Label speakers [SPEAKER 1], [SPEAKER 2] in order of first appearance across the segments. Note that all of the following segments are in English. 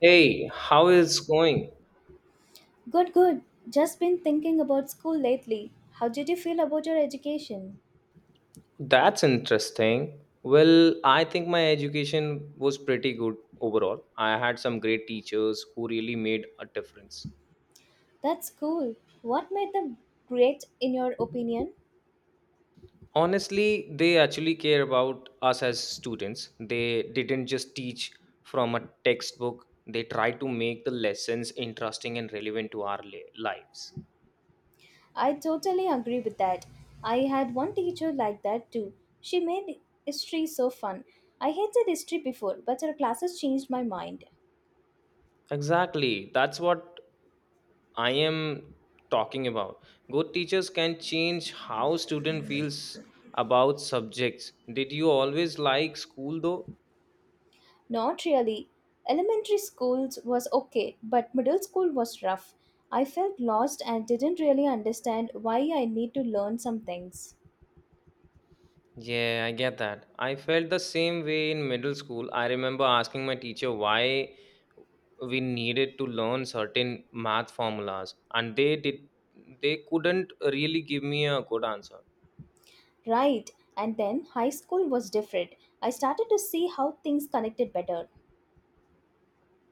[SPEAKER 1] Hey, how is going?
[SPEAKER 2] Good, good. Just been thinking about school lately. How did you feel about your education?
[SPEAKER 1] That's interesting. Well, I think my education was pretty good overall. I had some great teachers who really made a difference.
[SPEAKER 2] That's cool. What made them great, in your opinion?
[SPEAKER 1] Honestly, they actually care about us as students. They didn't just teach from a textbook. They tried to make the lessons interesting and relevant to our lives.
[SPEAKER 2] I totally agree with that. I had one teacher like that too. She made history so fun. I hated history before, but her classes changed my mind.
[SPEAKER 1] Exactly. That's what I am talking about. Good teachers can change how student feels about subjects. Did you always like school though?
[SPEAKER 2] Not really. Elementary schools was okay, but middle school was rough. I felt lost and didn't really understand why I need to learn some things.
[SPEAKER 1] Yeah, I get that. I felt the same way in middle school. I remember asking my teacher why we needed to learn certain math formulas and they couldn't really give me a good answer.
[SPEAKER 2] Right, and then high school was different. I started to see how things connected better.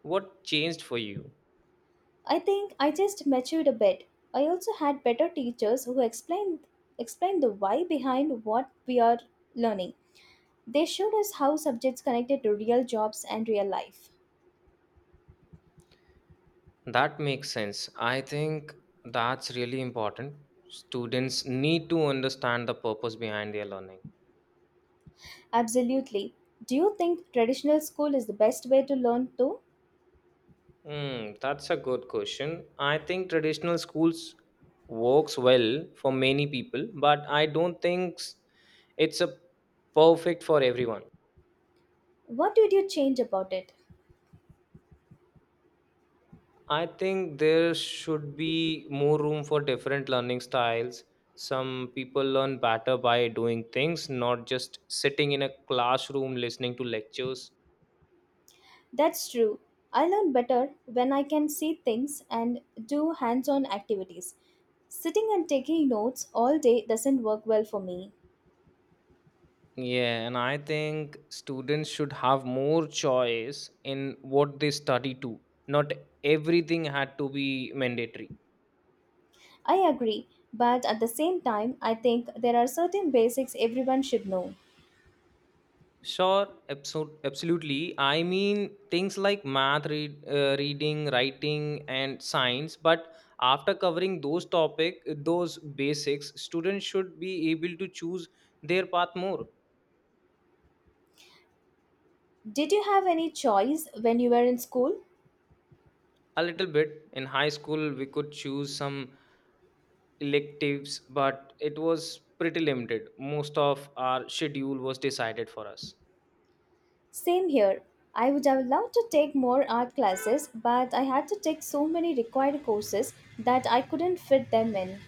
[SPEAKER 1] What changed for you?
[SPEAKER 2] I think I just matured a bit. I also had better teachers who explained the why behind what we are learning. They showed us how subjects connected to real jobs and real life.
[SPEAKER 1] That makes sense. I think that's really important. Students need to understand the purpose behind their learning.
[SPEAKER 2] Absolutely. Do you think traditional school is the best way to learn though?
[SPEAKER 1] That's a good question. I think traditional schools works well for many people, but I don't think it's a perfect for everyone.
[SPEAKER 2] What did you change about it?
[SPEAKER 1] I think there should be more room for different learning styles. Some people learn better by doing things, not just sitting in a classroom listening to lectures.
[SPEAKER 2] That's true. I learn better when I can see things and do hands on activities. Sitting and taking notes all day doesn't work well for me.
[SPEAKER 1] Yeah, and I think students should have more choice in what they study too. Not everything had to be mandatory.
[SPEAKER 2] I agree, but at the same time, I think there are certain basics everyone should know.
[SPEAKER 1] Sure, absolutely. I mean, things like math, reading, writing, and science. But after covering those basics, students should be able to choose their path more.
[SPEAKER 2] Did you have any choice when you were in school?
[SPEAKER 1] A little bit. In high school, we could choose some electives, but it was pretty limited. Most of our schedule was decided for us.
[SPEAKER 2] Same here. I would have loved to take more art classes, but I had to take so many required courses that I couldn't fit them in.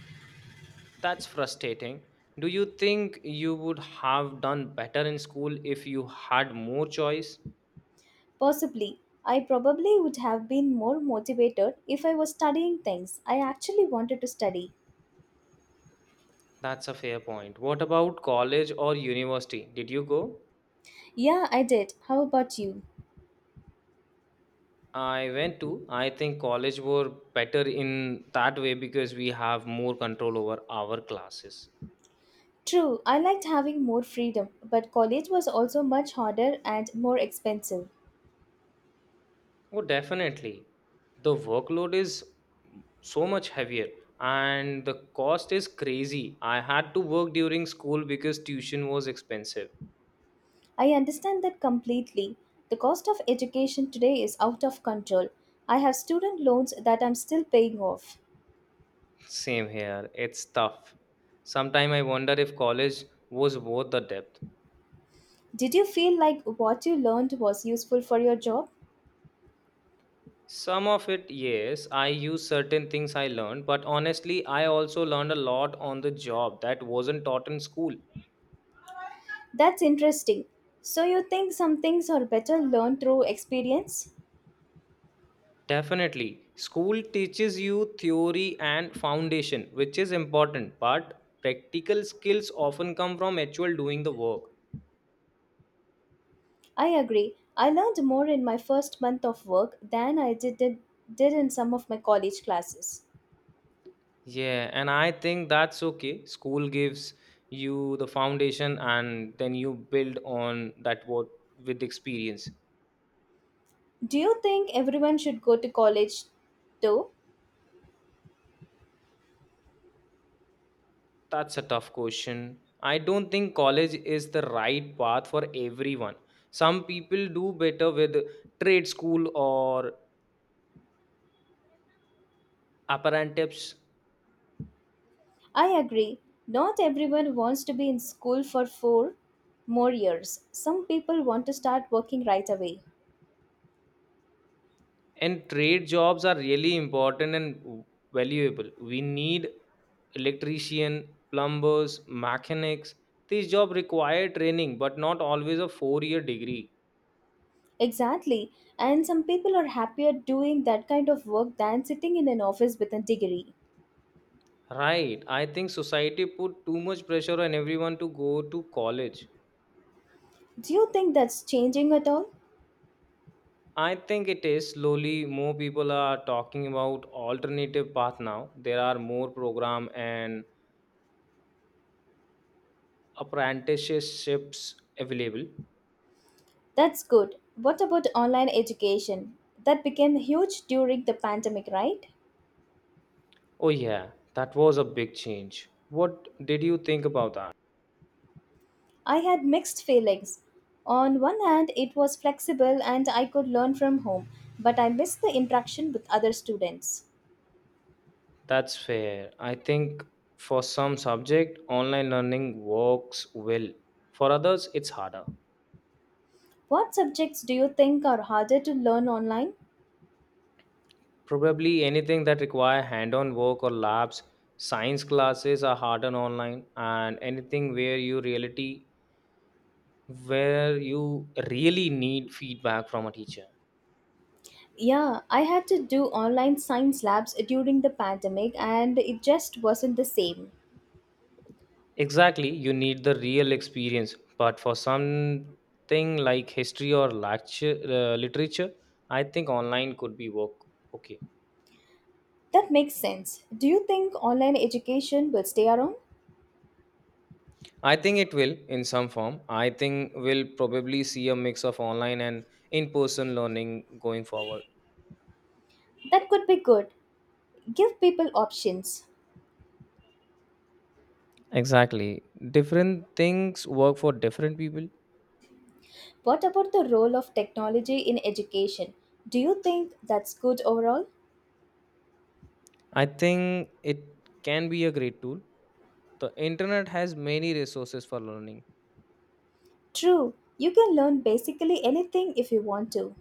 [SPEAKER 1] That's frustrating. Do you think you would have done better in school if you had more choice?
[SPEAKER 2] Possibly, I probably would have been more motivated if I was studying things I actually wanted to study.
[SPEAKER 1] That's a fair point. What about college or university? Did you go?
[SPEAKER 2] Yeah, I did. How about you?
[SPEAKER 1] I went to. I think college were better in that way because we have more control over our classes.
[SPEAKER 2] True, I liked having more freedom, but college was also much harder and more expensive.
[SPEAKER 1] Oh, definitely. The workload is so much heavier and the cost is crazy. I had to work during school because tuition was expensive.
[SPEAKER 2] I understand that completely. The cost of education today is out of control. I have student loans that I'm still paying off.
[SPEAKER 1] Same here. It's tough. Sometime I wonder if college was worth the depth.
[SPEAKER 2] Did you feel like what you learned was useful for your job?
[SPEAKER 1] Some of it, yes, I use certain things I learned, but honestly, I also learned a lot on the job that wasn't taught in school.
[SPEAKER 2] That's interesting. So, you think some things are better learned through experience?
[SPEAKER 1] Definitely. School teaches you theory and foundation, which is important, but practical skills often come from actual doing the work.
[SPEAKER 2] I agree. I learned more in my first month of work than I did in some of my college classes.
[SPEAKER 1] Yeah, and I think that's okay. School gives you the foundation and then you build on that what with experience.
[SPEAKER 2] Do you think everyone should go to college though?
[SPEAKER 1] That's a tough question. I don't think college is the right path for everyone. Some people do better with trade school or apprenticeships.
[SPEAKER 2] I agree. Not everyone wants to be in school for four more years. Some people want to start working right away.
[SPEAKER 1] And trade jobs are really important and valuable. We need electrician, plumbers, mechanics. These jobs require training, but not always a four-year degree.
[SPEAKER 2] Exactly. And some people are happier doing that kind of work than sitting in an office with a degree.
[SPEAKER 1] Right. I think society put too much pressure on everyone to go to college.
[SPEAKER 2] Do you think that's changing at all?
[SPEAKER 1] I think it is slowly more people are talking about alternative path now. There are more program and apprenticeships available.
[SPEAKER 2] That's good. What about online education? That became huge during the pandemic, right?
[SPEAKER 1] Oh, yeah, that was a big change. What did you think about that?
[SPEAKER 2] I had mixed feelings. On one hand, it was flexible and I could learn from home, but I missed the interaction with other students.
[SPEAKER 1] That's fair. I think for some subject, online learning works well. For others, it's harder.
[SPEAKER 2] What subjects do you think are harder to learn online?
[SPEAKER 1] Probably anything that require hand-on work or labs, science classes are harder online, and anything where you really need feedback from a teacher.
[SPEAKER 2] Yeah, I had to do online science labs during the pandemic and it just wasn't the same.
[SPEAKER 1] Exactly, you need the real experience. But for something like history or literature, I think online could be work. Okay,
[SPEAKER 2] That makes sense. Do you think online education will stay around?
[SPEAKER 1] I think it will in some form. I think we'll probably see a mix of online and in-person learning going forward.
[SPEAKER 2] That could be good. Give people options.
[SPEAKER 1] Exactly, different things work for different people.
[SPEAKER 2] What about the role of technology in education? Do you think that's good overall?
[SPEAKER 1] I think it can be a great tool. The internet has many resources for learning.
[SPEAKER 2] True, you can learn basically anything if you want to.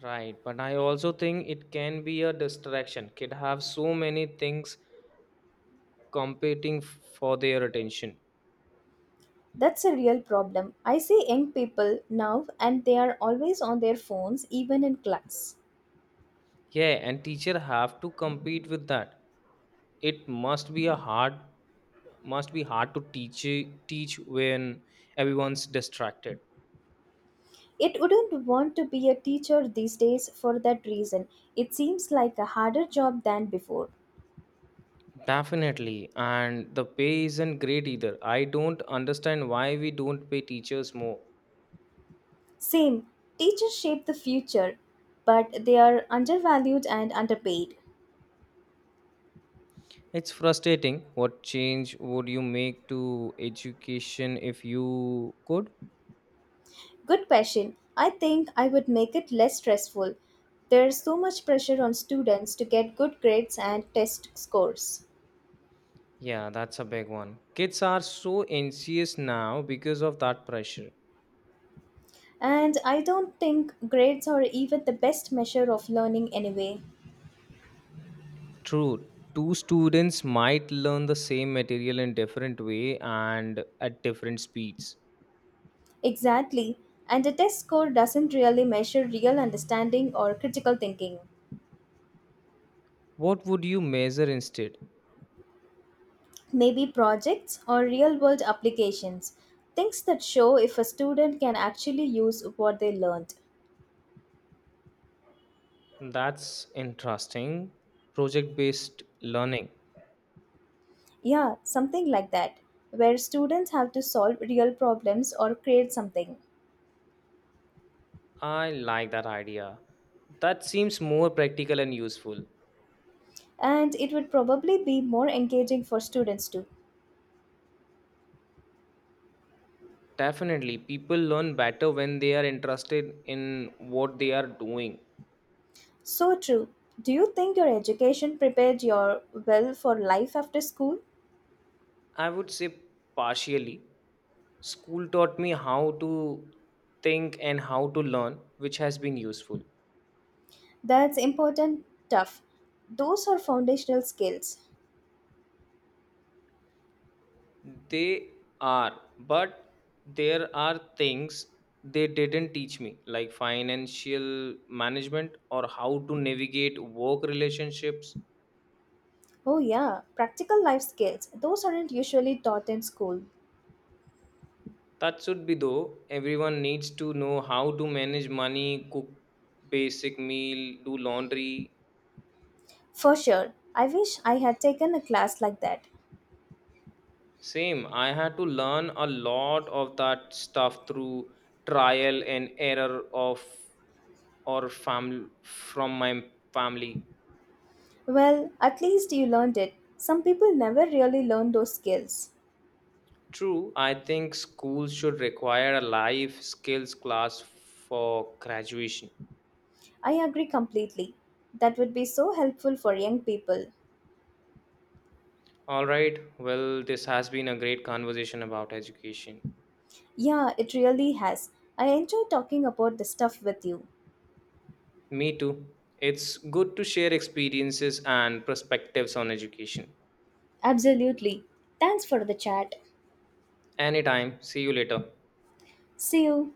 [SPEAKER 1] Right, but I also think it can be a distraction. Kid have so many things competing for their attention.
[SPEAKER 2] That's a real problem. I see young people now and they are always on their phones even in class.
[SPEAKER 1] Yeah, and teacher have to compete with that. It must be hard to teach when everyone's distracted.
[SPEAKER 2] It wouldn't want to be a teacher these days for that reason. It seems like a harder job than before.
[SPEAKER 1] Definitely, and the pay isn't great either. I don't understand why we don't pay teachers more.
[SPEAKER 2] Same, teachers shape the future, but they are undervalued and underpaid.
[SPEAKER 1] It's frustrating. What change would you make to education if you could?
[SPEAKER 2] Good question. I think I would make it less stressful. There's so much pressure on students to get good grades and test scores.
[SPEAKER 1] Yeah, that's a big one. Kids are so anxious now because of that pressure.
[SPEAKER 2] And I don't think grades are even the best measure of learning anyway.
[SPEAKER 1] True, two students might learn the same material in different way and at different speeds.
[SPEAKER 2] Exactly. And a test score doesn't really measure real understanding or critical thinking.
[SPEAKER 1] What would you measure instead?
[SPEAKER 2] Maybe projects or real world applications. Things that show if a student can actually use what they learned.
[SPEAKER 1] That's interesting. Project-based learning.
[SPEAKER 2] Yeah, something like that, where students have to solve real problems or create something.
[SPEAKER 1] I like that idea. That seems more practical and useful.
[SPEAKER 2] And it would probably be more engaging for students too.
[SPEAKER 1] Definitely, people learn better when they are interested in what they are doing.
[SPEAKER 2] So true. Do you think your education prepared your well for life after school?
[SPEAKER 1] I would say partially. School taught me how to think and how to learn, which has been useful.
[SPEAKER 2] That's important tough. Those are foundational skills.
[SPEAKER 1] They are, but there are things they didn't teach me, like financial management or how to navigate work relationships.
[SPEAKER 2] Oh yeah, practical life skills. Those aren't usually taught in school.
[SPEAKER 1] That should be though. Everyone needs to know how to manage money, cook basic meal, do laundry.
[SPEAKER 2] For sure. I wish I had taken a class like that.
[SPEAKER 1] Same, I had to learn a lot of that stuff through trial and error from my family.
[SPEAKER 2] Well, at least you learned it. Some people never really learn those skills.
[SPEAKER 1] True, I think schools should require a life skills class for graduation.
[SPEAKER 2] I agree completely. That would be so helpful for young people.
[SPEAKER 1] All right, well, this has been a great conversation about education.
[SPEAKER 2] Yeah, it really has. I enjoy talking about this stuff with you.
[SPEAKER 1] Me too. It's good to share experiences and perspectives on education.
[SPEAKER 2] Absolutely. Thanks for the chat.
[SPEAKER 1] Anytime, see you later.
[SPEAKER 2] See you.